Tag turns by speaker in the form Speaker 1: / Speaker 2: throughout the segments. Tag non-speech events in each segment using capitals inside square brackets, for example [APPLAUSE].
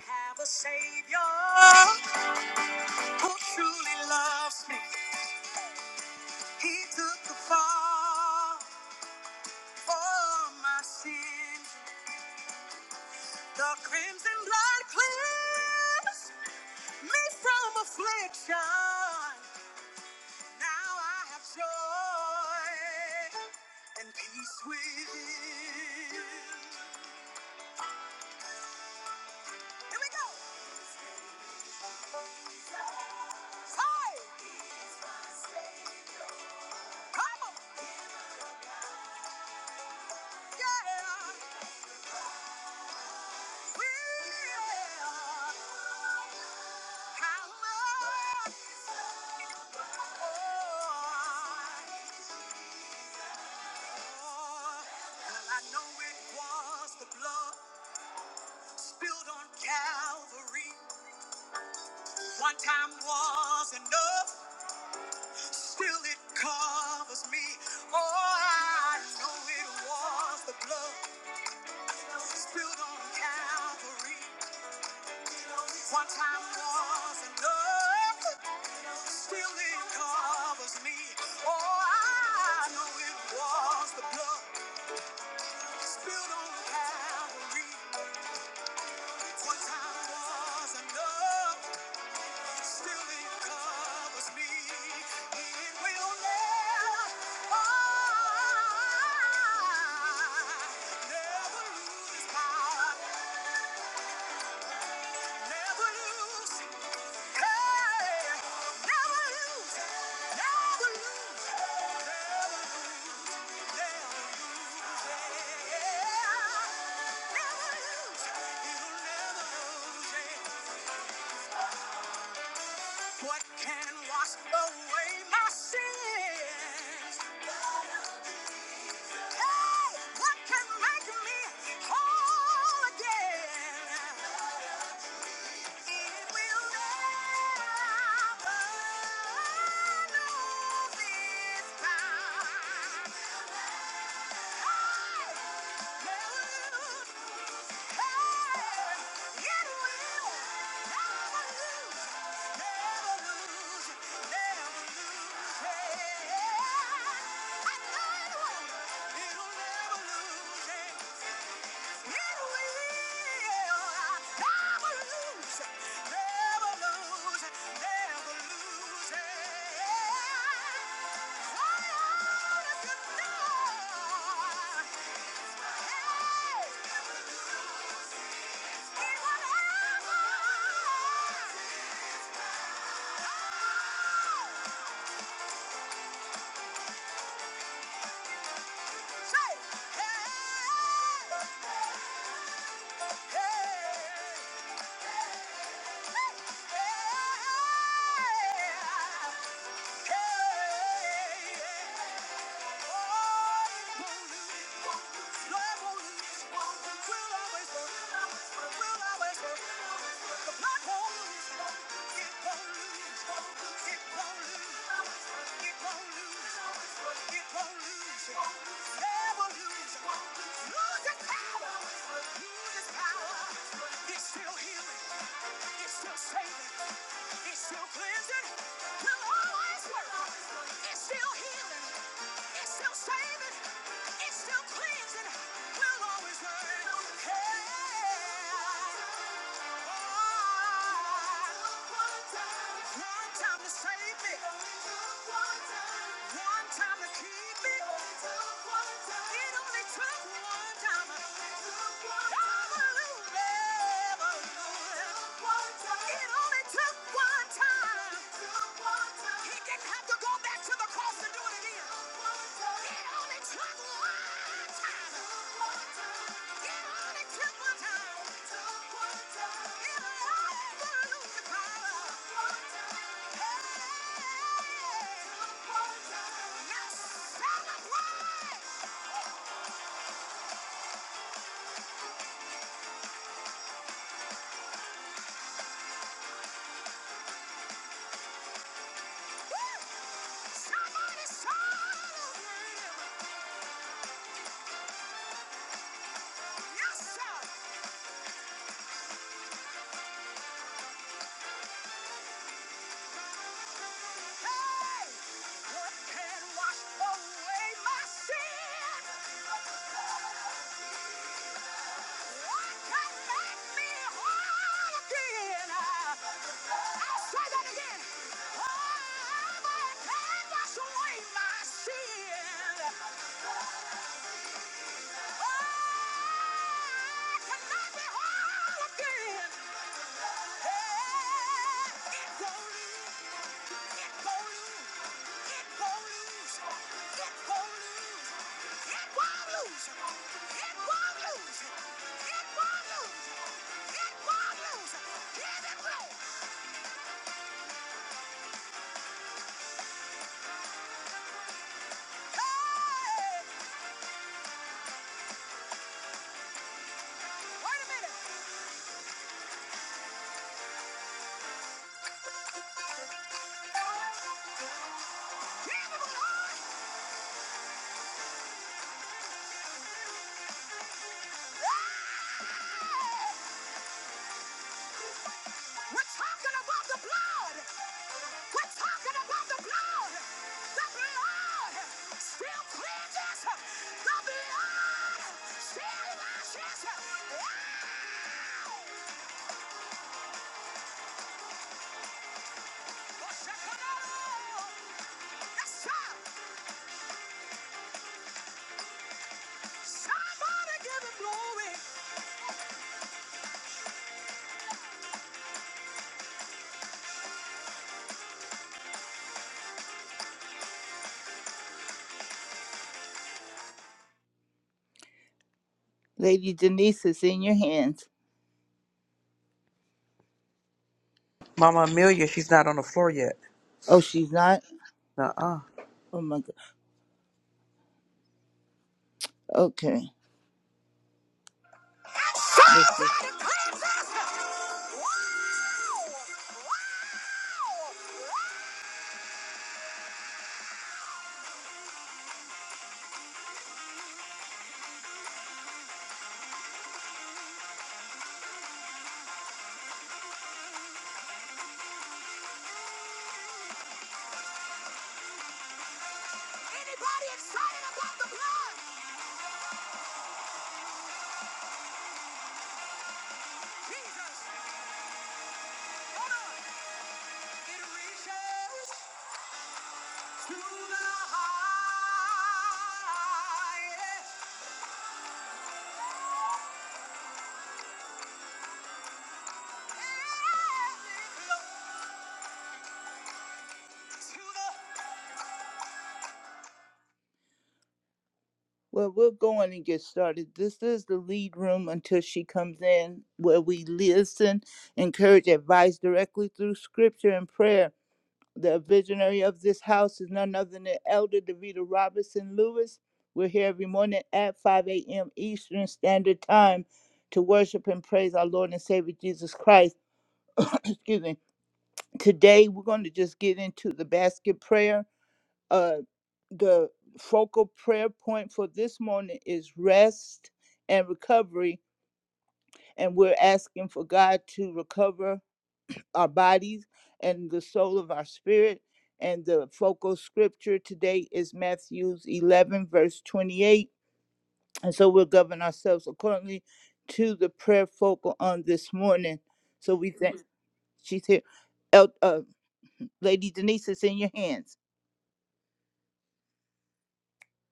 Speaker 1: have a savior who truly loves me. He took the fall for my sin. The crimson blood cleansed me from affliction. Now I have joy and peace within. Here we go. Hey! Come on. Yeah. One time was enough, still it covers me. Oh, I know it was the blood spilled on Calvary. One time was enough. Still it covers me. Oh, I know it was the blood spilled on Calvary. One time was enough. Still it covers me. It will never, oh, never lose its power. Never lose. Hey, never lose. Never lose. Never, never. What can wash away my sins? Hey, what can make me whole again? It will never know this time. Hey, never lose. Hey! Hey! It's still healing. It's still saving. It's still cleansing, will always work. It's still healing, it's still saving, it's still cleansing, will always work. Hey. Hallelujah. It only took one time. He didn't have to go back to the cross and do it again. It only took one time. It only took one time. It'll overlook the power. Hey. Now celebrate. Woo. Somebody celebrate. Yes, sir. Hey. What can wash away my sin? Again. Hey! Wait a minute! Give him a horse! We're talking about the blood. We're talking about the blood. The blood still cleanses. The blood still washes. Yes, sir. Somebody give him glory. Lady Denise is in your hands.
Speaker 2: Mama Amelia, she's not on the floor yet.
Speaker 1: Oh, she's not?
Speaker 2: Nuh-uh.
Speaker 1: Oh my God. Okay. Let's see. right, anybody excited about the blood? Jesus, hold on. Well, we're going and get started. This is the lead room until she comes in, where we listen, encourage advice directly through scripture and prayer. The visionary of this house is none other than Elder Davita Robinson Lewis. We're here every morning at 5 a.m. Eastern Standard Time to worship and praise our Lord and Savior Jesus Christ. [COUGHS] Excuse me. Today, we're going to just get into the basket prayer. Uh, the focal prayer point for this morning is rest and recovery. And we're asking for God to recover our bodies and the soul of our spirit. And the focal scripture today is Matthew 11, verse 28. And so we'll govern ourselves accordingly to the prayer focal on this morning. So we thank, she's here. El, uh, Lady Denise, it's in your hands.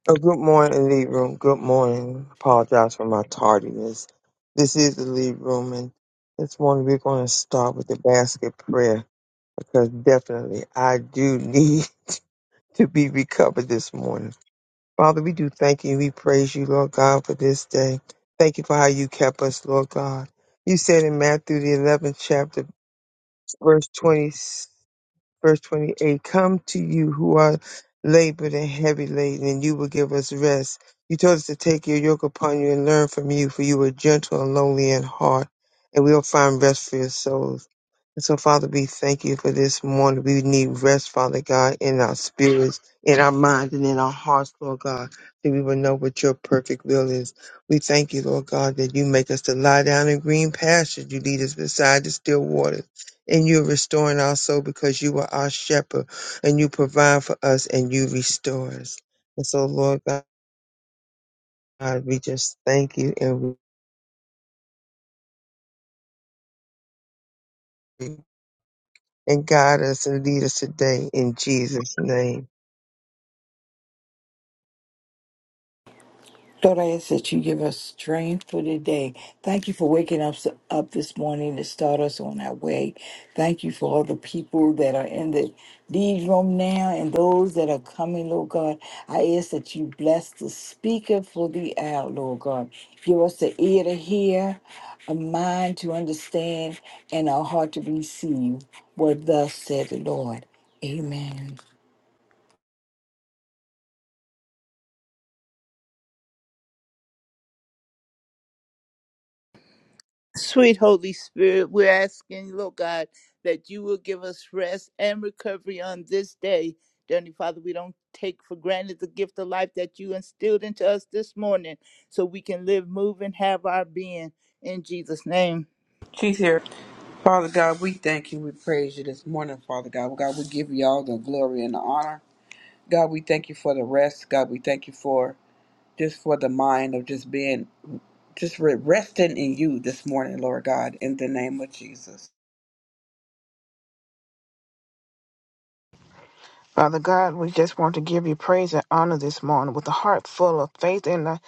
Speaker 3: Oh, good morning, Lead Room. Good morning. Apologize for my tardiness. This is the Lead Room, and this morning we're going to start with the basket prayer because definitely I do need [LAUGHS] to be recovered this morning. Father, we do thank you. We praise you, Lord God, for this day. Thank you for how you kept us, Lord God. You said in Matthew, the 11th chapter, verse 20 verse 28 come to you who are labored and heavy laden and you will give us rest you told us to take your yoke upon you and learn from you for you are gentle and lowly in heart and we'll find rest for your souls and so father we thank you for this morning we need rest father god in our spirits in our minds and in our hearts lord god that we will know what your perfect will is we thank you lord god that you make us to lie down in green pastures you lead us beside the still waters and you're restoring our soul because you are our shepherd and you provide for us and you restore us. And so, Lord God, we just thank you and we, and guide us and lead us today in Jesus' name.
Speaker 4: Lord, I ask that you give us strength for today. Thank you for waking us up this morning to start us on our way. Thank you for all the people that are in the lead room now and those that are coming, Lord God. I ask that you bless the speaker for the hour, Lord God. Give us the ear to hear, a mind to understand, and a heart to receive what thus said the Lord. Amen.
Speaker 1: Sweet Holy Spirit, we're asking, Lord God, that you will give us rest and recovery on this day. Dear Heavenly Father, we don't take for granted the gift of life that you instilled into us this morning so we can live, move, and have our being in Jesus' name.
Speaker 2: She's here. Father God, we thank you. We praise you this morning, Father God. Well, God, we give you all the glory and the honor. God, we thank you for the rest. God, we thank you for just for the mind of just being, just re- resting in you this morning, Lord God, in the name of Jesus.
Speaker 5: Father God, we just want to give you praise and honor this morning with a heart full of faith in the,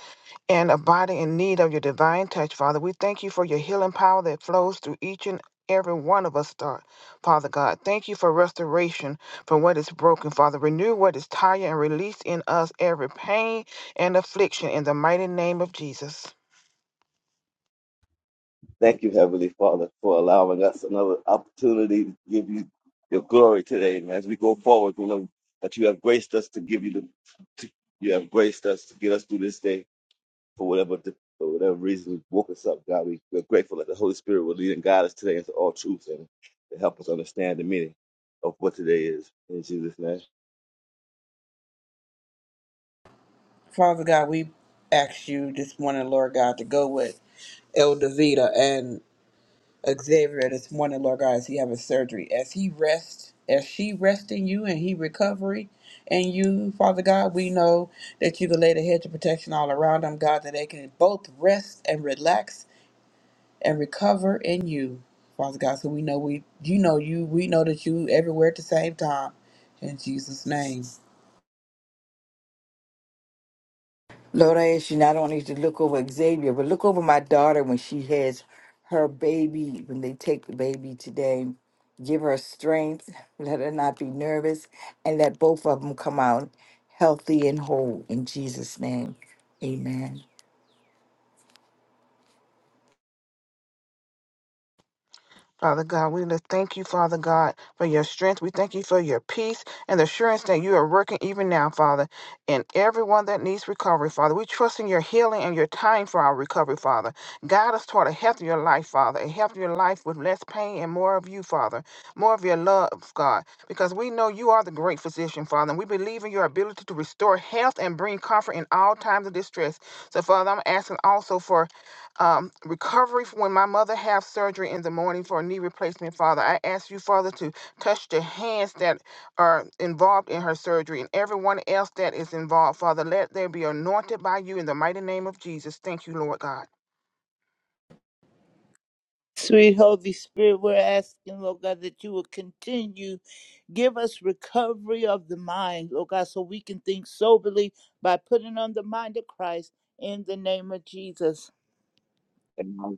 Speaker 5: and a body in need of your divine touch, Father. We thank you for your healing power that flows through each and every one of us, Star- Father God. Thank you for restoration from what is broken, Father. Renew what is tired and release in us every pain and affliction in the mighty name of Jesus.
Speaker 6: Thank you, Heavenly Father, for allowing us another opportunity to give you your glory today. And as we go forward, we know that you have graced us to give you the, to, you have graced us to get us through this day for whatever, for whatever reason woke us up. God, we, we're grateful that the Holy Spirit will lead and guide us today into all truth and to help us understand the meaning of what today is. In Jesus'
Speaker 2: Father God, we ask you this morning, Lord God, to go with Elder Vita Xavier this morning, Lord God, as he having surgery, as he rests, as she rests in you and he recovery and you, Father God, we know that you can lay the hedge of protection all around them, God, that they can both rest and relax and recover in you, Father God. So we know we you know you, we know that you everywhere at the same time. In Jesus' name.
Speaker 4: Lord, I ask you not only to look over Xavier, but look over my daughter when she has her baby, when they take the baby today. Give her strength, [LAUGHS] let her not be nervous, and let both of them come out healthy and whole. In Jesus' name, amen.
Speaker 5: Father God, we just thank you, Father God, for your strength. We thank you for your peace and the assurance that you are working even now, Father, in everyone that needs recovery, Father. We trust in your healing and your time for our recovery, Father. Guide us toward a healthier life, Father, a healthier life with less pain and more of you, Father, more of your love, God, because we know you are the great physician, Father, and we believe in your ability to restore health and bring comfort in all times of distress. So, Father, I'm asking also for um, recovery for when my mother have surgery in the morning for a knee replacement, Father. I ask you, Father, to touch the hands that are involved in her surgery and everyone else that is involved, Father. Let they be anointed by you in the mighty name of Jesus. Thank you, Lord God.
Speaker 1: Sweet Holy Spirit, we're asking, Lord God, that you will continue give us recovery of the mind, Lord God, so we can think soberly by putting on the mind of Christ in the name of Jesus.
Speaker 6: name.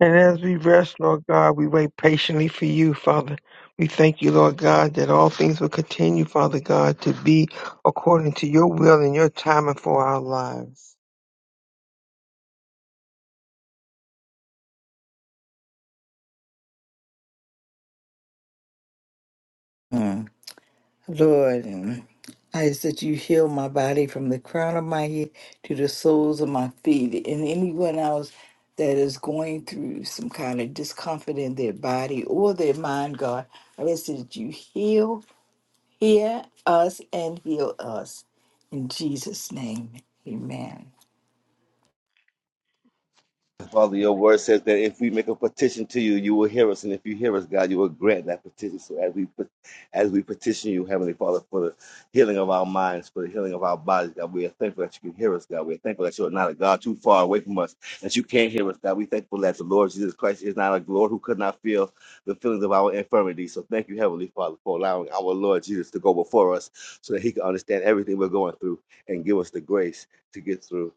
Speaker 3: And as we rest, Lord God, we wait patiently for you, Father. We thank you, Lord God, that all things will continue, Father God, to be according to your will and your timing for our lives.
Speaker 4: Mm. Lord, um, I ask that you heal my body from the crown of my head to the soles of my feet, and anyone else that is going through some kind of discomfort in their body or their mind, God, I ask that you heal, hear us, and heal us. In Jesus' name, amen.
Speaker 6: Father, your word says that if we make a petition to you, you will hear us, and if you hear us, God, you will grant that petition. So as we put, as we petition you, Heavenly Father, for the healing of our minds, for the healing of our bodies, God, we are thankful that you can hear us, God. We are thankful that you are not a God too far away from us, that you can't hear us, God. We thankful that the Lord Jesus Christ is not a Lord who could not feel the feelings of our infirmities. So thank you, Heavenly Father, for allowing our Lord Jesus to go before us, so that He can understand everything we're going through and give us the grace to get through.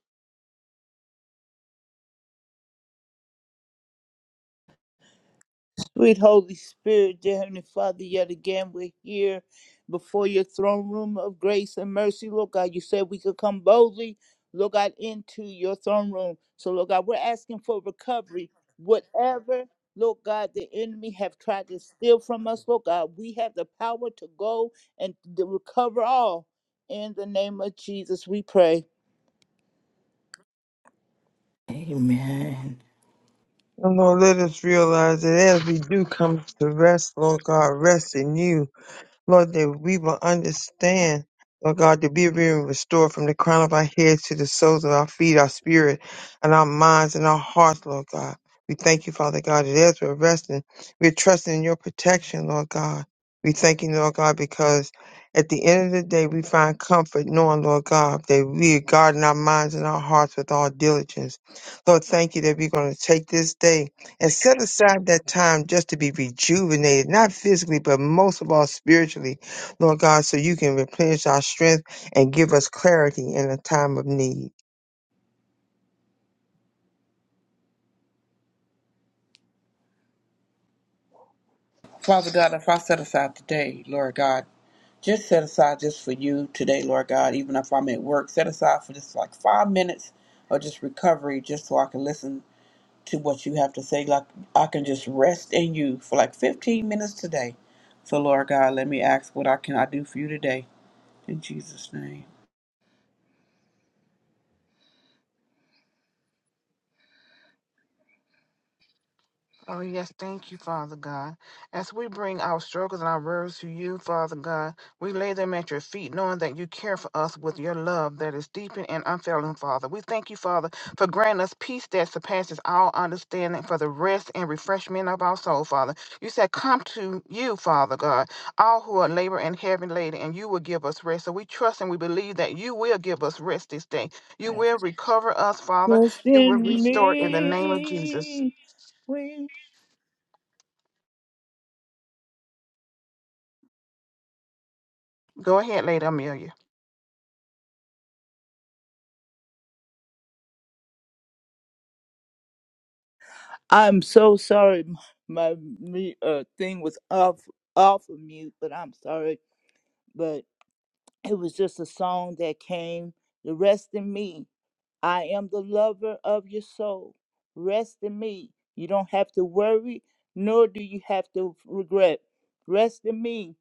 Speaker 1: Sweet Holy Spirit, dear Heavenly Father, yet again we're here before your throne room of grace and mercy. Lord God, you said we could come boldly, Lord God, into your throne room. So, Lord God, we're asking for recovery. Whatever, Lord God, the enemy have tried to steal from us, Lord God, we have the power to go and to recover all. In the name of Jesus, we pray.
Speaker 4: Amen.
Speaker 3: And Lord, let us realize that as we do come to rest, Lord God, rest in you. Lord, that we will understand, Lord God, to be being restored from the crown of our heads to the soles of our feet, our spirit, and our minds and our hearts, Lord God. We thank you, Father God, that as we're resting, we're trusting in your protection, Lord God. We thank you, Lord God, because at the end of the day, we find comfort knowing, Lord God, that we are guarding our minds and our hearts with all diligence. Lord, thank you that we're going to take this day and set aside that time just to be rejuvenated, not physically, but most of all spiritually, Lord God, so you can replenish our strength and give us clarity in a time of need.
Speaker 2: Father God, if I set aside today, Lord God, just set aside just for you today, Lord God, even if I'm at work, set aside for just like five minutes or just recovery, just so I can listen to what you have to say. Like I can just rest in you for like 15 minutes today. So, Lord God, let me ask what I can I do for you today. In Jesus' name.
Speaker 5: Oh, yes, thank you, Father God. As we bring our struggles and our worries to you, Father God, we lay them at your feet, knowing that you care for us with your love that is deep and unfailing, Father. We thank you, Father, for granting us peace that surpasses all understanding for the rest and refreshment of our soul, Father. You said, Come to you, Father God, all who are labor and heavy laden, and you will give us rest. So we trust and we believe that you will give us rest this day. You will recover us, Father.
Speaker 1: Trust
Speaker 5: You will
Speaker 1: in
Speaker 5: restore in the name of Jesus.
Speaker 1: me.
Speaker 5: Go ahead, Lady Amelia.
Speaker 1: I'm so sorry, m- my mute uh, thing was off off of mute, but I'm sorry. But it was just a song that came. The rest in me, I am the lover of your soul. Rest in me. You don't have to worry, nor do you have to regret. Rest in me,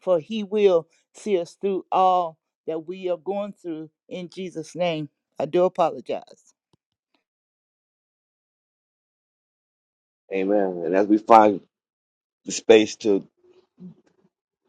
Speaker 1: for He will see us through all that we are going through. In Jesus' name, I do apologize.
Speaker 6: Amen. And as we find the space to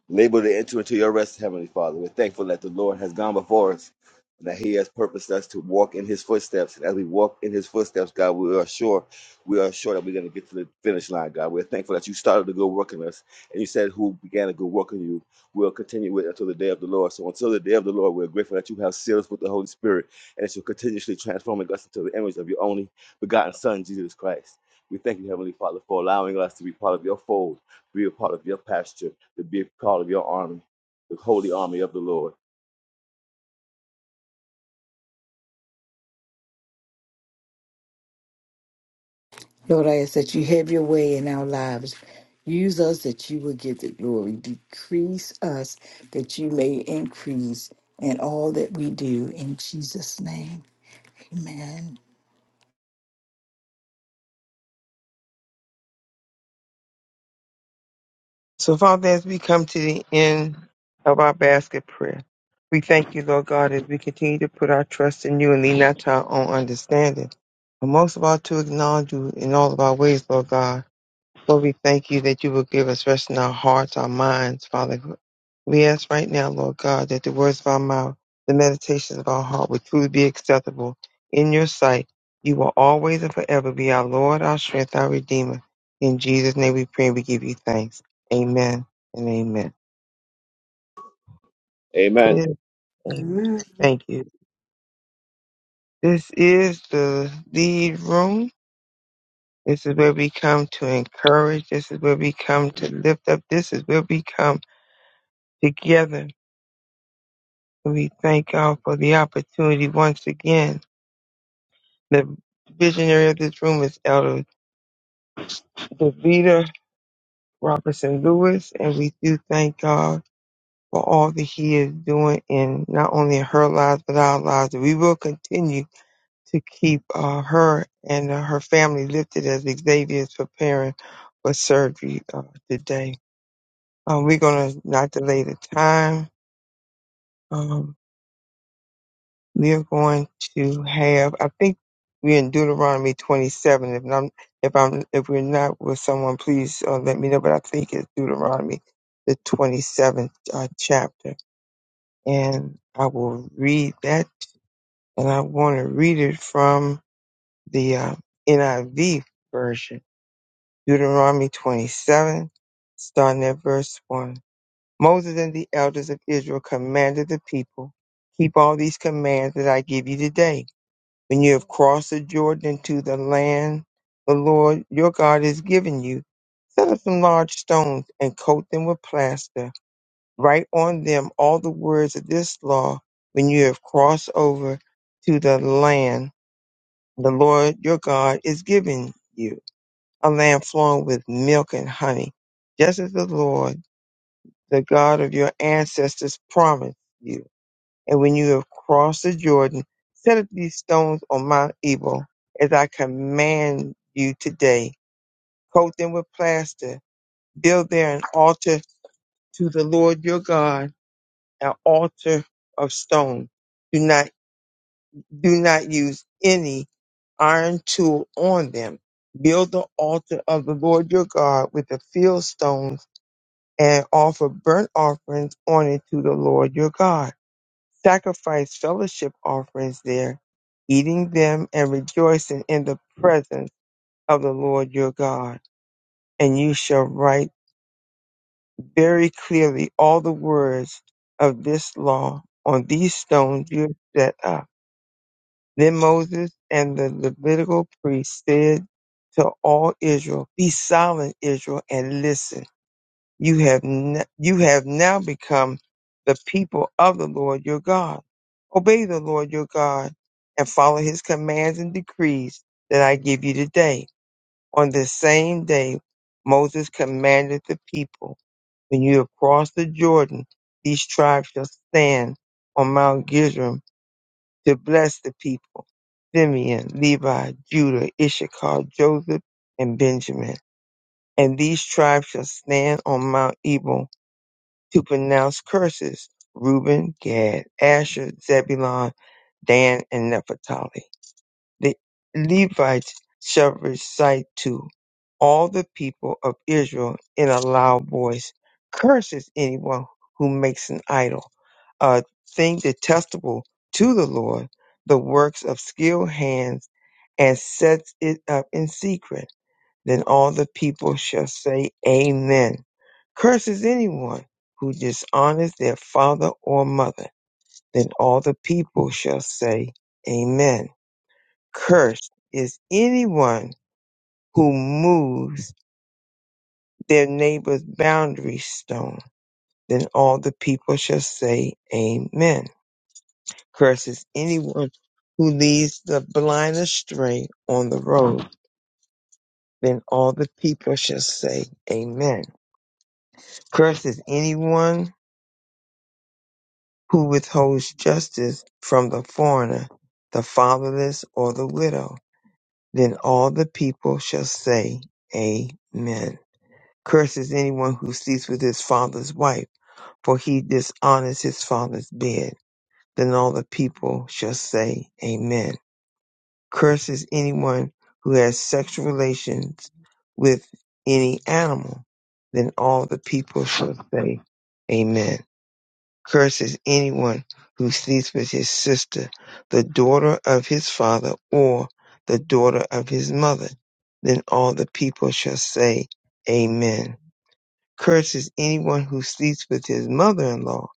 Speaker 6: labor to enter into your rest, Heavenly Father. We're thankful that the Lord has gone before us and that He has purposed us to walk in His footsteps. And as we walk in His footsteps, God, we are sure, we are sure that we're going to get to the finish line, God. We're thankful that you started a good work in us and you said, Who began a good work in you will continue with until the day of the Lord. So until the day of the Lord, we're grateful that you have sealed us with the Holy Spirit and that you're continuously transforming us into the image of your only begotten Son, Jesus Christ. We thank you, Heavenly Father, for allowing us to be part of your fold be a part of your pasture, to be a part of your army, the holy army of the Lord.
Speaker 4: Lord, I ask that you have your way in our lives. Use us that you will give the glory. Decrease us that you may increase in all that we do. In Jesus' name, amen.
Speaker 3: So, Father, as we come to the end of our basket prayer, we thank you, Lord God, as we continue to put our trust in you and lean not to our own understanding. But most of all, to acknowledge you in all of our ways, Lord God. Lord, we thank you that you will give us rest in our hearts, our minds, Father, We ask right now, Lord God, that the words of our mouth, the meditations of our heart would truly be acceptable in your sight. You will always and forever be our Lord, our strength, our Redeemer. In Jesus' name we pray and we give you thanks. Amen and amen.
Speaker 6: Amen.
Speaker 3: Yes, Amen.
Speaker 2: Amen.
Speaker 3: Thank you. This is the lead room. This is where we come to encourage. This is where we come to lift up. This is where we come together. We thank God for the opportunity once again The visionary of this room is Elder Davita Robertson Lewis, and we do thank God for all that He is doing in not only in her lives but our lives. And We will continue to keep uh, her and uh, her family lifted as Xavier is preparing for surgery uh, today. Um, we're gonna not delay the time. Um, we are going to have i think we're in deuteronomy 27 if i'm if i'm if we're not with someone please uh, let me know but i think it's deuteronomy the 27th uh, chapter and i will read that and i want to read it from the uh, niv version deuteronomy 27 starting at verse 1 moses and the elders of israel commanded the people keep all these commands that i give you today when you have crossed the Jordan into the land the Lord your God has given you, set up some large stones and coat them with plaster. Write on them all the words of this law when you have crossed over to the land the Lord your God is giving you, a land flowing with milk and honey, just as the Lord, the God of your ancestors, promised you. And when you have crossed the Jordan, set up these stones on Mount Ebal, as I command you today. Coat them with plaster. Build there an altar to the Lord your God, an altar of stone. Do not do not use any iron tool on them. Build the altar of the Lord your God with the field stones and offer burnt offerings on it to the Lord your God sacrifice fellowship offerings there, eating them and rejoicing in the presence of the Lord your God. And you shall write very clearly all the words of this law on these stones you have set up. Then Moses and the Levitical priests said to all Israel, Be silent, Israel, and listen You have n- you have now become the people of the Lord your God. Obey the Lord your God and follow his commands and decrees that I give you today. On this same day, Moses commanded the people, when you have crossed the Jordan, these tribes shall stand on Mount Gizrim to bless the people. Simeon, Levi, Judah, Issachar, Joseph, and Benjamin. And these tribes shall stand on Mount Ebal to pronounce curses Reuben, Gad, Asher, Zebulon, Dan, and Naphtali. The Levites shall recite to all the people of Israel in a loud voice, curses anyone who makes an idol, a thing detestable to the Lord, the works of skilled hands, and sets it up in secret then all the people shall say, Amen. Curses anyone who dishonors their father or mother. Then all the people shall say, Amen. Cursed is anyone who moves their neighbor's boundary stone. Then all the people shall say, Amen. Cursed is anyone who leads the blind astray on the road. Then all the people shall say, Amen. Cursed is anyone who withholds justice from the foreigner, the fatherless, or the widow. Then all the people shall say, Amen. Cursed is anyone who sleeps with his father's wife, for he dishonors his father's bed. Then all the people shall say, Amen. Cursed is anyone who has sexual relations with any animal. Then all the people shall say, Amen curses anyone who sleeps with his sister, the daughter of his father, or the daughter of his mother. Then all the people shall say, Amen. Curses anyone who sleeps with his mother in law.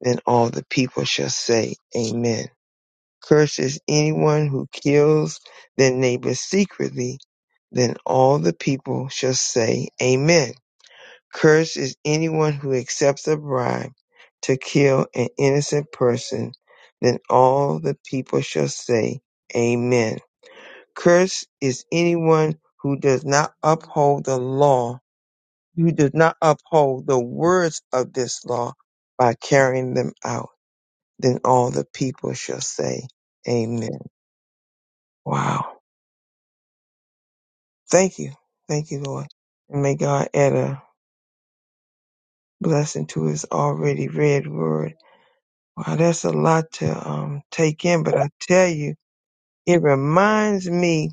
Speaker 3: Then all the people shall say, Amen. Curses anyone who kills their neighbor secretly. Then all the people shall say, Amen Cursed is anyone who accepts a bribe to kill an innocent person. Then all the people shall say, Amen. Cursed is anyone who does not uphold the law, who does not uphold the words of this law by carrying them out. Then all the people shall say, Amen. Wow. Thank you. Thank you, Lord. And may God add a blessing to his already read word Wow, that's a lot to um, take in, but I tell you, it reminds me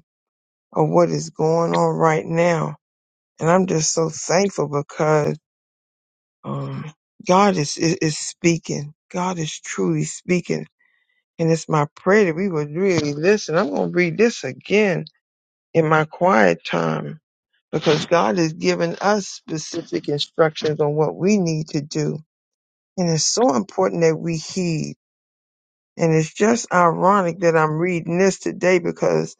Speaker 3: of what is going on right now, and I'm just so thankful because um, God is, is is speaking. God is truly speaking, and it's my prayer that we would really listen. I'm going to read this again in my quiet time because God has given us specific instructions on what we need to do, and it's so important that we heed. And it's just ironic that I'm reading this today because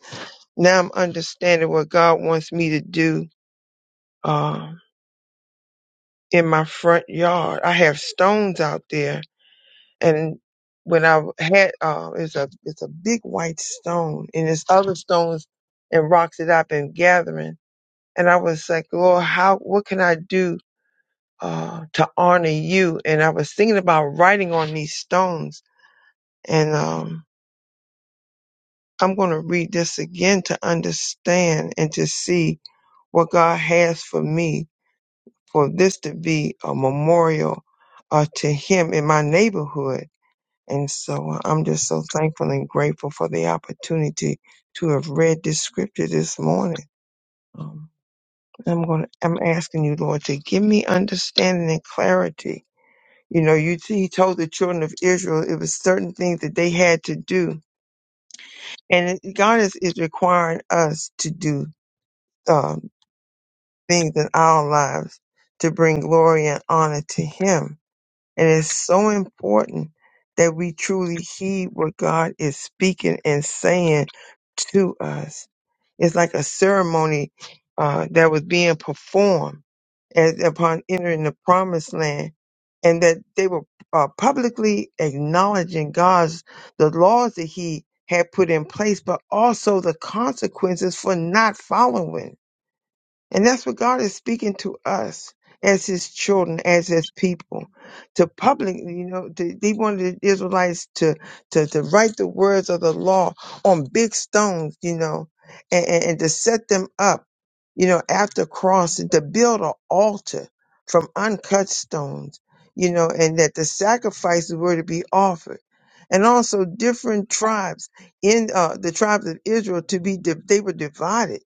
Speaker 3: now I'm understanding what God wants me to do uh, in my front yard. I have stones out there, and when I had uh, it's a it's a big white stone, and there's other stones and rocks that I've been gathering. And I was like, Lord, how what can I do uh, to honor you? And I was thinking about writing on these stones, and um, I'm going to read this again to understand and to see what God has for me, for this to be a memorial uh, to Him in my neighborhood. And so uh, I'm just so thankful and grateful for the opportunity to have read this scripture this morning. Um, I'm going. to I'm asking you, Lord, to give me understanding and clarity. You know, you He told the children of Israel it was certain things that they had to do, and it- God is is requiring us to do. uh, things in our lives to bring glory and honor to Him. And it's so important that we truly heed what God is speaking and saying to us. It's like a ceremony uh, that was being performed as, upon entering the promised land, and that they were uh, publicly acknowledging God's the laws that He had put in place, but also the consequences for not following and that's what God is speaking to us as his children, as his people, to public, you know, to, he wanted the Israelites to, to, to write the words of the law on big stones, you know, and, and, and to set them up, you know, after crossing, to build an altar from uncut stones, you know, and that the sacrifices were to be offered. And also different tribes in uh, the tribes of Israel to be, di- they were divided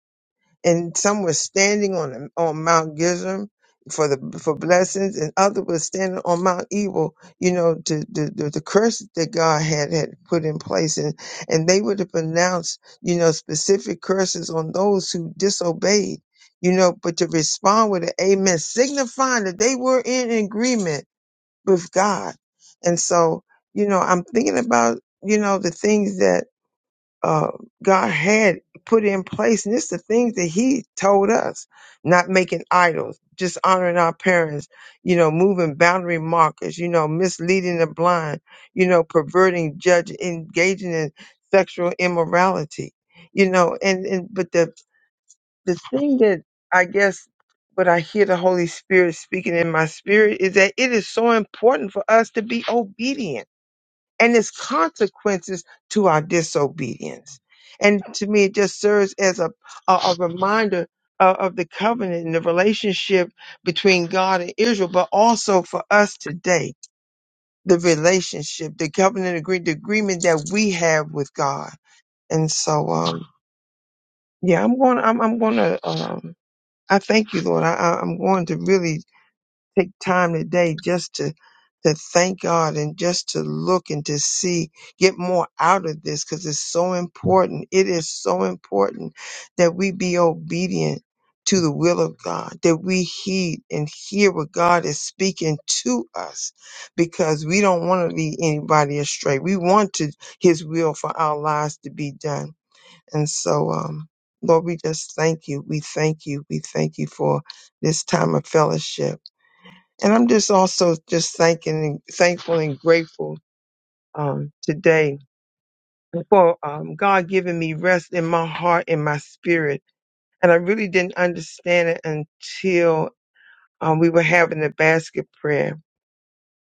Speaker 3: and some were standing on on Mount Gerizim for the for blessings, and others were standing on Mount Evil, you know, to, the to the curse that God had had put in place, and and they would have pronounced, you know, specific curses on those who disobeyed, you know, but to respond with an amen, signifying that they were in agreement with God, and so you know, I'm thinking about you know the things that uh, God had put in place. And it's the things that He told us not making idols, just honoring our parents, you know, moving boundary markers, you know, misleading the blind, you know, perverting, judge, engaging in sexual immorality, you know. And, and but the, the thing that I guess what I hear the Holy Spirit speaking in my spirit is that it is so important for us to be obedient and its consequences to our disobedience. And to me, it just serves as a, a, a reminder of, of the covenant and the relationship between God and Israel, but also for us today, the relationship, the covenant agreement, the agreement that we have with God. And so, um, yeah, I'm going, I'm, I'm going to, um, I thank you, Lord. I, I- I'm going to really take time today just to to thank God and just to look and to see, get more out of this because it's so important. It is so important that we be obedient to the will of God, that we heed and hear what God is speaking to us because we don't want to lead anybody astray. We want to his will for our lives to be done. And so, um, Lord, we just thank you. We thank you. We thank you for this time of fellowship. And I'm just also just thanking, thankful and grateful um, today for um, God giving me rest in my heart and my spirit. And I really didn't understand it until um, we were having the basket prayer.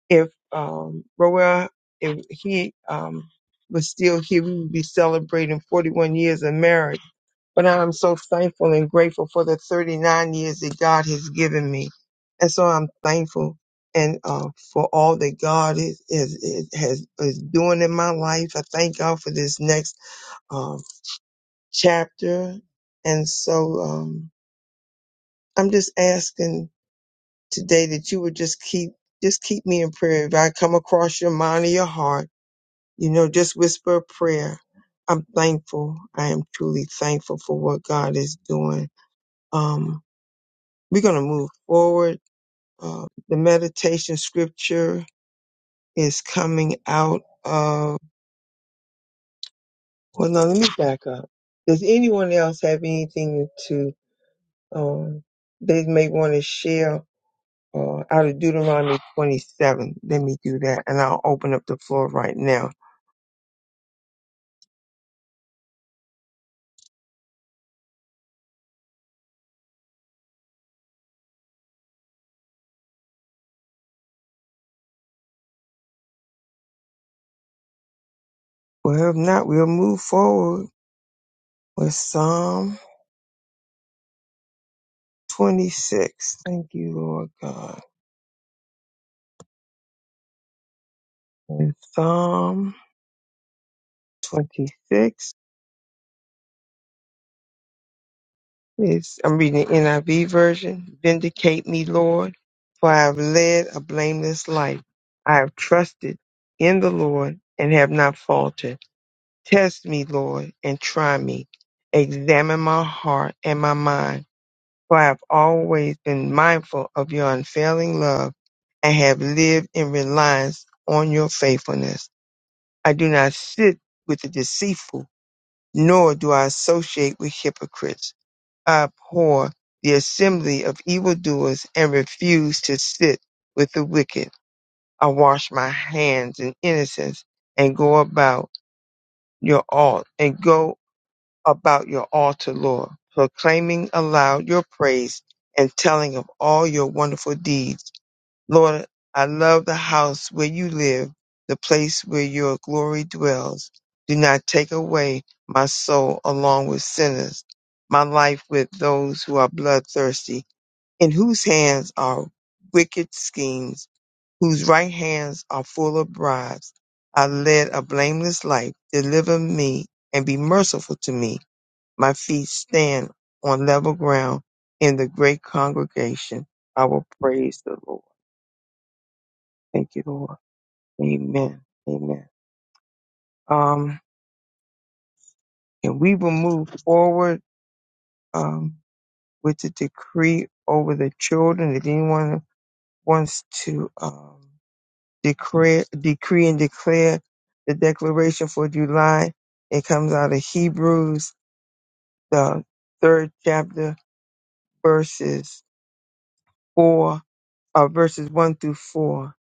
Speaker 3: If um, Roel, if he um, was still here, we would be celebrating 41 years of marriage. But I'm so thankful and grateful for the 39 years that God has given me. And so I'm thankful and uh, for all that God is, is, is, has, is doing in my life. I thank God for this next uh, chapter. And so um, I'm just asking today that you would just keep just keep me in prayer. If I come across your mind or your heart, you know, just whisper a prayer. I'm thankful. I am truly thankful for what God is doing. Um, We're going to move forward. Uh, the meditation scripture is coming out of, well, no, let me back up. Does anyone else have anything to, um, they may want to share uh, out of Deuteronomy 27? Let me do that and I'll open up the floor right now. Well, if not, we'll move forward with Psalm 26. Thank you, Lord God. And Psalm 26. It's, I'm reading the NIV version. Vindicate me, Lord, for I have led a blameless life. I have trusted in the Lord and have not faltered. Test me, Lord, and try me. Examine my heart and my mind, for I have always been mindful of your unfailing love and have lived in reliance on your faithfulness. I do not sit with the deceitful, nor do I associate with hypocrites I abhor the assembly of evildoers and refuse to sit with the wicked. I wash my hands in innocence and go about your altar and go about your altar, Lord, proclaiming aloud your praise and telling of all your wonderful deeds. Lord, I love the house where you live, the place where your glory dwells. Do not take away my soul along with sinners, my life with those who are bloodthirsty, in whose hands are wicked schemes, whose right hands are full of bribes. I led a blameless life. Deliver me and be merciful to me. My feet stand on level ground in the great congregation. I will praise the Lord. Thank you, Lord. Amen. Amen. Um, and we will move forward um, with the decree over the children. If anyone wants to um, declare, decree and declare the declaration for July, it comes out of Hebrews, the third chapter, verses four, uh, verses one through four.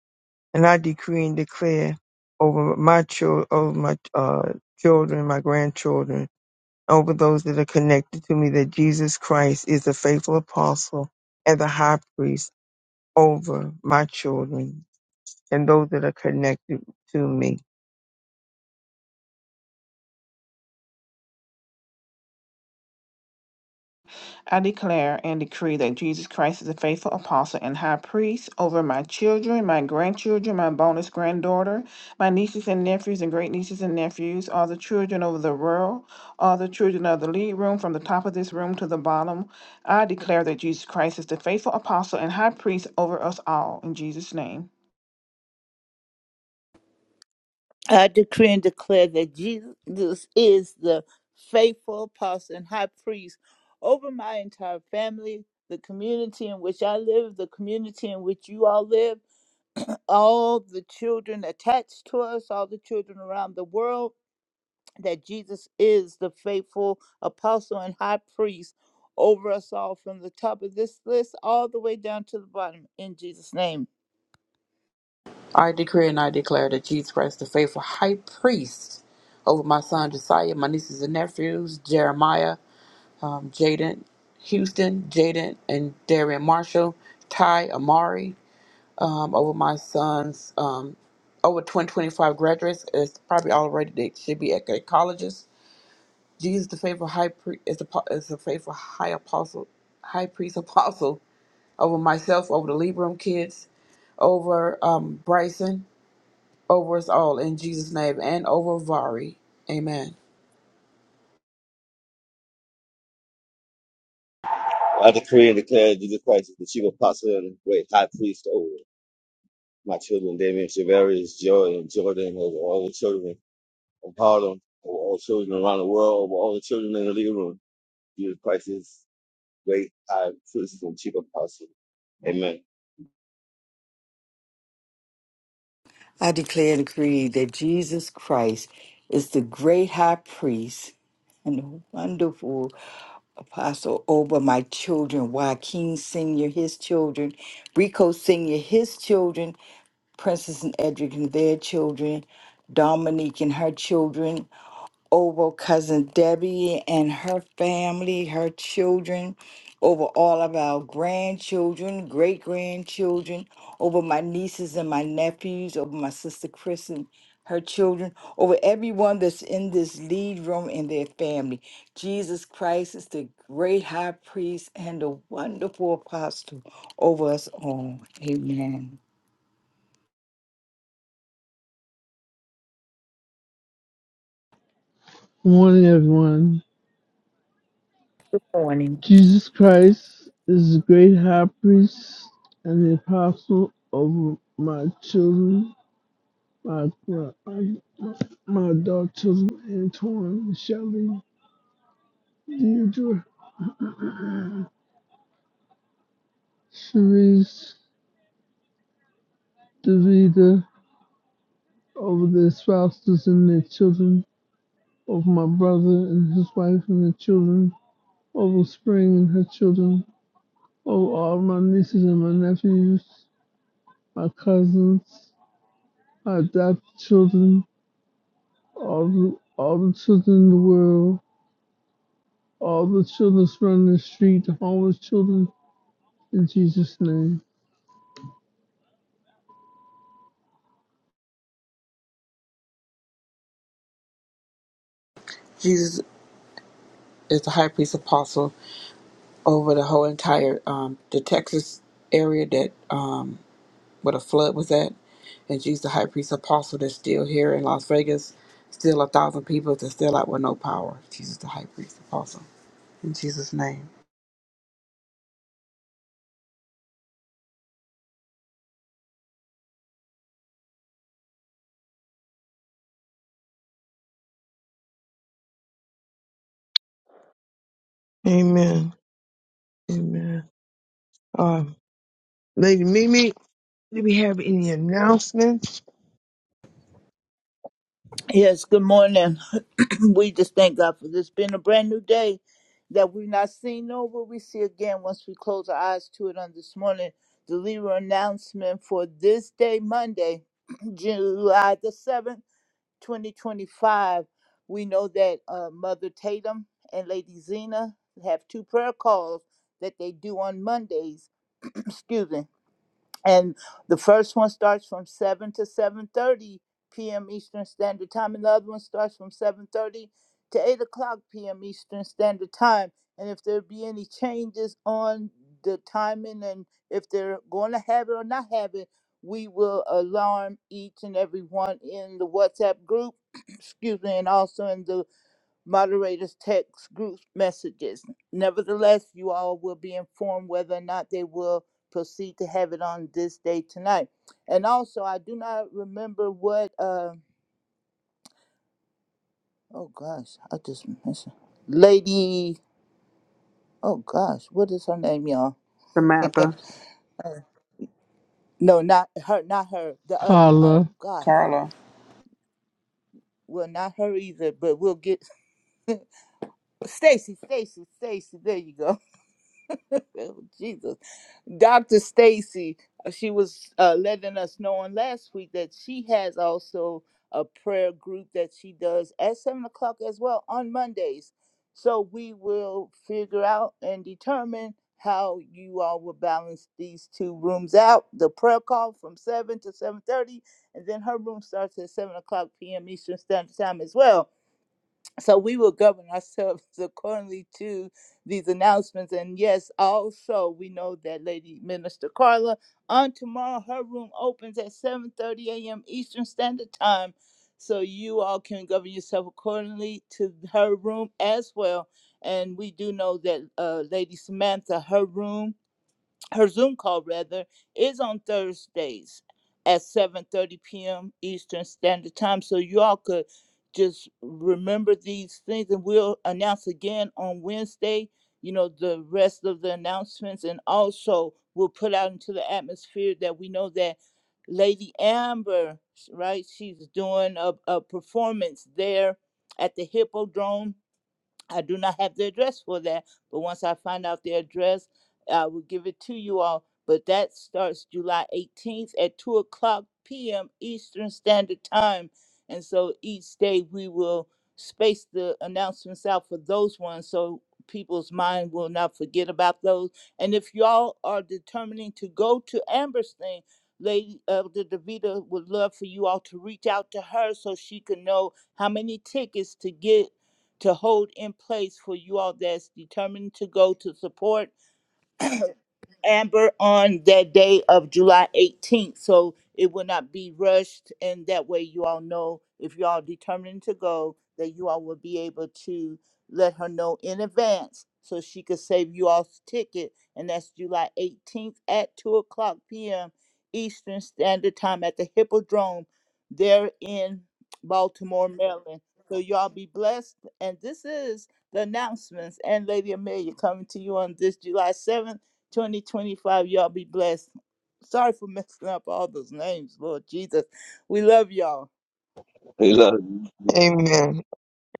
Speaker 3: And I decree and declare over my children, over my uh, children, my grandchildren over those that are connected to me that Jesus Christ is the faithful apostle and the high priest over my children and those that are connected to me.
Speaker 5: I declare and decree that Jesus Christ is a faithful apostle and high priest over my children, my grandchildren, my bonus granddaughter, my nieces and nephews, and great nieces and nephews, all the children over the world, all the children of the lead room, from the top of this room to the bottom. I declare that Jesus Christ is the faithful apostle and high priest over us all. In Jesus' name.
Speaker 1: I decree and declare that Jesus is the faithful apostle and high priest over my entire family, the community in which I live, the community in which you all live, [CLEARS THROAT] all the children attached to us, all the children around the world, that Jesus is the faithful apostle and high priest over us all from the top of this list all the way down to the bottom in Jesus' name.
Speaker 2: I decree and I declare that Jesus Christ, the faithful high priest, over my son Josiah, my nieces and nephews, Jeremiah. um, Jaden Houston, Jaden and Darian Marshall, Ty Amari, um, over my son's um, over 2025 graduates. It's probably already they should be at, at colleges. Jesus, the faithful high priest, is the po- is the faithful high apostle, high priest apostle [LAUGHS] over myself, over the Libram kids, over um, Bryson, over us all in Jesus' name, and over Vari. Amen.
Speaker 6: I decree and declare Jesus Christ, the chief apostle and great high priest over my children, Damien Shavarius, Joy, and Jordan, over all the children of Harlem, over all children around the world, over all the children in the living room. Jesus Christ is great high priest and chief apostle. Amen.
Speaker 4: I declare and decree that Jesus Christ is the great high priest and the wonderful apostle over my children, Joaquin Sr., his children, Rico Sr., his children, Princess and Edric and their children, Dominique and her children, over cousin Debbie and her family, her children, over all of our grandchildren, great grandchildren, over my nieces and my nephews, over my sister Chris and her children, over everyone that's in this lead room and their family. Jesus Christ is the great high priest and the wonderful apostle over us all. Amen.
Speaker 7: Good Morning, everyone. Jesus Christ is the great high priest and the apostle over my children, my my, my my adult children, Antoine, Shelley, Deirdre, Cherise, Davida, over their spouses and their children, over my brother and his wife and their children, over Spring and her children, over all my nieces and my nephews, my cousins, my adopted children, all the, all the children in the world, all the children running the street, the homeless children, in Jesus' name.
Speaker 2: Jesus is the high priest apostle over the whole entire um, the Texas area that um, where the flood was at, and she's the high priest apostle that's still here in Las Vegas. Still a thousand people that's still out with no power. Jesus the high priest apostle in Jesus' name.
Speaker 3: Amen. Amen. Um, Lady Mimi, do we have any announcements?
Speaker 1: Yes, good morning. [CLEARS THROAT] we just thank God for this being a brand new day that we've not seen nor will we see again once we close our eyes to it on this morning. The leader announcement for this day, Monday, [CLEARS THROAT] July the 7th, 2025. We know that uh, Mother Tatum and Lady Zena have two prayer calls that they do on Mondays. [CLEARS THROAT] Excuse me and the first one starts from 7 to 7.30 p.m eastern standard time and the other one starts from 7.30 to 8 o'clock p.m eastern standard time and if there be any changes on the timing and if they're going to have it or not have it we will alarm each and every one in the whatsapp group [CLEARS THROAT] excuse me and also in the moderators text group messages. Nevertheless, you all will be informed whether or not they will proceed to have it on this day tonight. And also, I do not remember what. Uh, oh gosh, I just missed her. Lady. Oh gosh, what is her name, y'all?
Speaker 2: Samantha,
Speaker 1: No, not her. Not her. The other. one. Oh
Speaker 7: Carla,
Speaker 1: gosh.
Speaker 2: Carla,
Speaker 1: Well, not her either. But we'll get [LAUGHS] Stacy. Stacy. Stacy. There you go. [LAUGHS] Oh, Jesus. Dr. Stacy, uh, she was uh, letting us know on last week that she has also a prayer group that she does at seven o'clock as well on Mondays. So we will figure out and determine how you all will balance these two rooms out. The prayer call from seven to seven thirty, and then her room starts at seven o'clock p.m. Eastern Standard Time as well. So we will govern ourselves [LAUGHS] accordingly to these announcements. And yes, also we know that Lady Minister Carla on tomorrow her room opens at 7:30 a.m. Eastern Standard Time. So you all can govern yourself accordingly to her room as well. And we do know that uh, Lady Samantha, her room her Zoom call rather is on Thursdays at 7:30 p.m. Eastern Standard Time. So you all could just remember these things, and we'll announce again on Wednesday. You know the rest of the announcements, and also we'll put out into the atmosphere that we know that Lady Amber, right? She's doing a, a performance there at the Hippodrome I do not have the address for that, but once I find out the address, I will give it to you all. But that starts July 18th at 2 o'clock p.m. Eastern Standard Time. And so each day we will space the announcements out for those ones so people's mind will not forget about those. And if y'all are determining to go to Amberstein, thing, Lady Elder DeVita would love for you all to reach out to her so she can know how many tickets to get to hold in place for you all that's determined to go to support Amber on that day of July 18th, so it will not be rushed, and that way you all know if you all determined to go, that you all will be able to let her know in advance so she could save you all's ticket, and that's July 18th at 2 o'clock p.m. Eastern Standard Time at the Hippodrome there in Baltimore, Maryland. So y'all be blessed, and this is the announcements and Lady Amelia coming to you on this July 7th 2025. Y'all be blessed. Sorry for messing up all those names, Lord Jesus. We love y'all.
Speaker 6: We love you.
Speaker 3: Amen.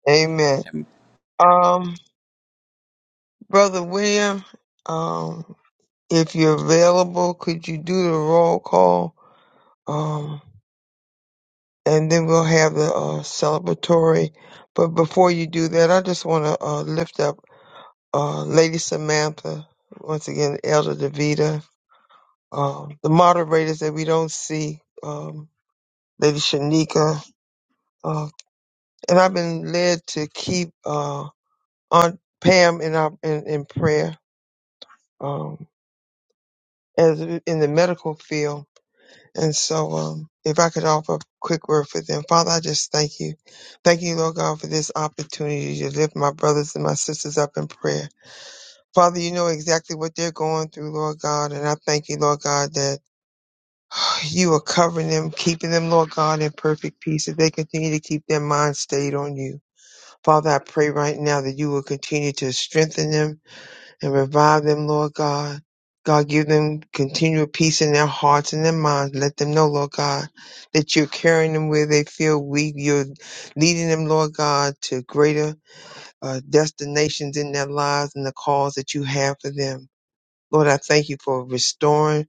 Speaker 3: Amen. Um, Brother William, um, if you're available, could you do the roll call? Um, and then we'll have the uh, celebratory. But before you do that, I just want to uh, lift up uh, Lady Samantha, once again, Elder Davita, um, the moderators that we don't see, um, Lady Shanika. Uh, and I've been led to keep uh, Aunt Pam in, our, in, in prayer um, as in the medical field. And so, um, if I could offer a quick word for them, Father, I just thank you. Thank you, Lord God, for this opportunity to lift my brothers and my sisters up in prayer. Father, you know exactly what they're going through, Lord God, and I thank you, Lord God, that [SIGHS] you are covering them, keeping them, Lord God, in perfect peace as they continue to keep their minds stayed on you. Father, I pray right now that you will continue to strengthen them and revive them, Lord God. God, give them continual peace in their hearts and their minds. Let them know, Lord God, that you're carrying them where they feel weak. You're leading them, Lord God, to greater uh, destinations in their lives and the calls that you have for them. Lord, I thank you for restoring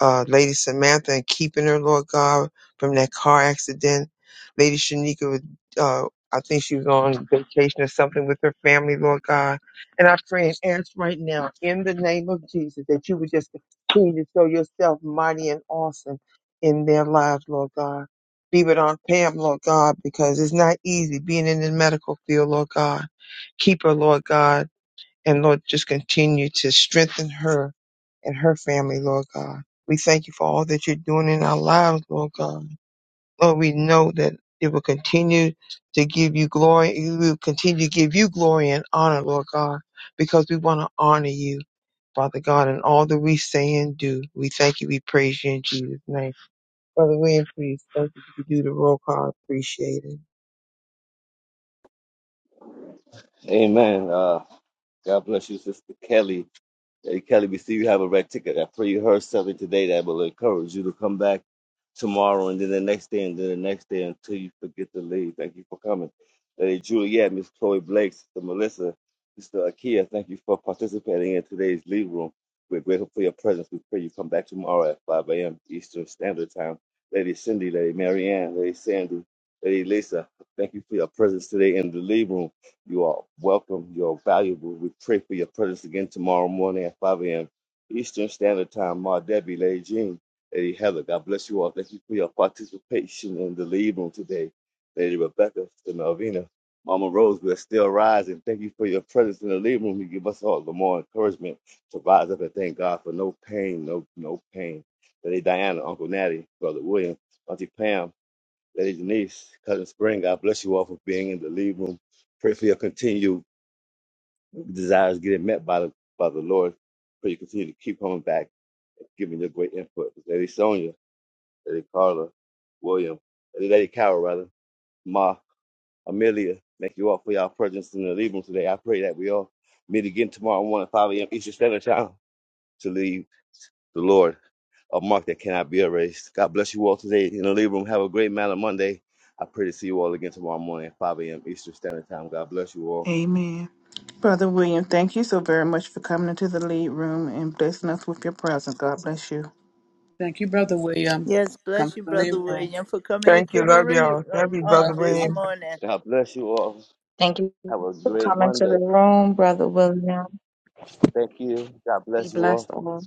Speaker 3: uh, Lady Samantha and keeping her, Lord God, from that car accident. Lady Shanika, was, uh, I think she was on vacation or something with her family, Lord God. And I pray and ask right now, in the name of Jesus, that you would just continue to show yourself mighty and awesome in their lives, Lord God. Be with Aunt Pam, Lord God, because it's not easy being in the medical field, Lord God. Keep her, Lord God and Lord, just continue to strengthen her and her family, Lord God. We thank you for all that you're doing in our lives, Lord God. Lord, we know that it will continue to give you glory. It will continue to give you glory and honor, Lord God, because we want to honor you, Father God, in all that we say and do. We thank you. We praise you in Jesus' name. Brother William, please, thank you. If you do the roll call, appreciate it.
Speaker 6: Amen. Uh, God bless you, Sister Kelly. Hey, Kelly, we see you have a red ticket. I pray you heard something today that will encourage you to come back tomorrow and then the next day and then the next day until you forget to leave. Thank you for coming. Lady Juliet, Miss Chloe Blake, Sister Melissa, Sister Akia, thank you for participating in today's Lead Room. We're grateful for your presence. We pray you come back tomorrow at 5 a.m. Eastern Standard Time. Lady Cindy, Lady Marianne, Lady Sandy, Lady Lisa, thank you for your presence today in the Lead Room. You are welcome. You are valuable. We pray for your presence again tomorrow morning at 5 a.m. Eastern Standard Time. Ma Debbie, Lady Jean, Lady Heather, God bless you all. Thank you for your participation in the lead room today. Lady Rebecca, Sister Melvina, Mama Rose, we're still rising. Thank you for your presence in the lead room. You give us all the more encouragement to rise up and thank God for no pain, no no pain. Lady Diana, Uncle Natty, Brother William, Auntie Pam, Lady Denise, Cousin Spring, God bless you all for being in the lead room. Pray for your continued desires getting met by the, by the Lord. Pray you continue to keep coming back and giving your great input. Lady Sonia, Lady Carla, William, Lady, Lady Carol, rather, Ma, Amelia, thank you all for your presence in the lead room today. I pray that we all meet again tomorrow morning, at 5 a.m. Eastern Standard Time to leave the Lord, a mark that cannot be erased. God bless you all today in the living room. Have a great Manna Monday. I pray to see you all again tomorrow morning at 5 a.m. Eastern Standard Time. God bless you all.
Speaker 5: Amen. Brother William, thank you so very much for coming into the lead room and blessing us with your presence. God bless you.
Speaker 2: thank you, brother William.
Speaker 1: Yes,
Speaker 2: Come
Speaker 1: bless
Speaker 2: to
Speaker 1: you,
Speaker 2: the
Speaker 1: Brother
Speaker 2: living room.
Speaker 1: William, for coming
Speaker 3: Thank
Speaker 1: into
Speaker 3: you.
Speaker 1: the
Speaker 3: Love
Speaker 1: room
Speaker 3: y'all. Thank you,
Speaker 1: on
Speaker 3: Brother
Speaker 2: Love
Speaker 1: this
Speaker 2: you.
Speaker 3: William.
Speaker 1: morning.
Speaker 6: God bless you all.
Speaker 8: Thank you
Speaker 6: Have a
Speaker 8: for
Speaker 6: great
Speaker 8: coming to
Speaker 6: Monday.
Speaker 8: the room, Brother William.
Speaker 6: Thank you. God
Speaker 8: Be
Speaker 6: bless you
Speaker 8: blessed
Speaker 6: all.
Speaker 8: all.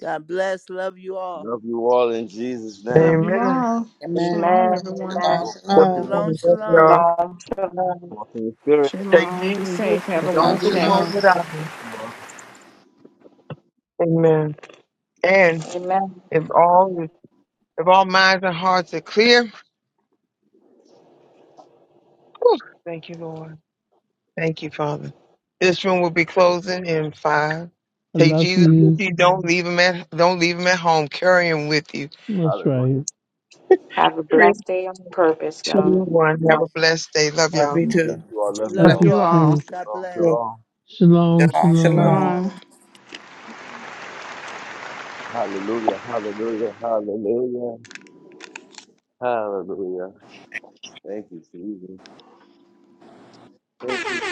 Speaker 1: God bless. Love you all.
Speaker 6: Love you all in Jesus'
Speaker 5: Love
Speaker 6: name.
Speaker 5: you
Speaker 3: Amen.
Speaker 5: all.
Speaker 2: Amen.
Speaker 5: Shalom,
Speaker 8: Amen.
Speaker 5: everyone.
Speaker 6: We
Speaker 2: Shalom,
Speaker 8: Amen.
Speaker 6: go forth
Speaker 3: Love
Speaker 2: shalom,
Speaker 6: today.
Speaker 1: Shalom, shalom.
Speaker 3: y'all.
Speaker 8: Shalom. Shalom.
Speaker 6: Walk in the spirit.
Speaker 3: Take
Speaker 5: Shalom.
Speaker 3: Jesus
Speaker 5: Be
Speaker 3: with
Speaker 5: safe. Have
Speaker 3: you.
Speaker 5: a
Speaker 2: shalom,
Speaker 3: Don't
Speaker 5: wonderful
Speaker 3: leave
Speaker 5: day.
Speaker 3: home
Speaker 2: shalom.
Speaker 3: without him.
Speaker 6: You all.
Speaker 3: Amen. And
Speaker 8: Amen.
Speaker 3: if all if all minds and hearts are clear, whew, thank you, Lord. Thank you, Father. This room will be closing in five.
Speaker 7: I
Speaker 3: Take
Speaker 7: love
Speaker 3: Jesus with
Speaker 7: you.
Speaker 3: you. Don't leave him at don't leave him at home. Carry him with you.
Speaker 7: That's
Speaker 6: Hallelujah.
Speaker 7: right.
Speaker 8: Have a
Speaker 3: Three,
Speaker 8: blessed day on purpose,
Speaker 3: two,
Speaker 8: y'all.
Speaker 3: one. Have a blessed day. Love
Speaker 2: Love
Speaker 3: y'all.
Speaker 2: you
Speaker 6: I bless
Speaker 2: too.
Speaker 6: you all. Love you
Speaker 2: Bless.
Speaker 1: Love
Speaker 7: Love
Speaker 5: Love
Speaker 6: all.
Speaker 7: you
Speaker 1: you
Speaker 5: you
Speaker 1: all.
Speaker 5: all.
Speaker 7: too.
Speaker 1: God
Speaker 6: Shalom.
Speaker 1: bless.
Speaker 6: Shalom.
Speaker 7: Shalom,
Speaker 2: Shalom,
Speaker 6: Love
Speaker 7: shalom.
Speaker 2: shalom.
Speaker 6: you.
Speaker 5: Shalom.
Speaker 1: Shalom.
Speaker 6: Hallelujah. Hallelujah. Hallelujah. Hallelujah. Thank you, Jesus. Thank you,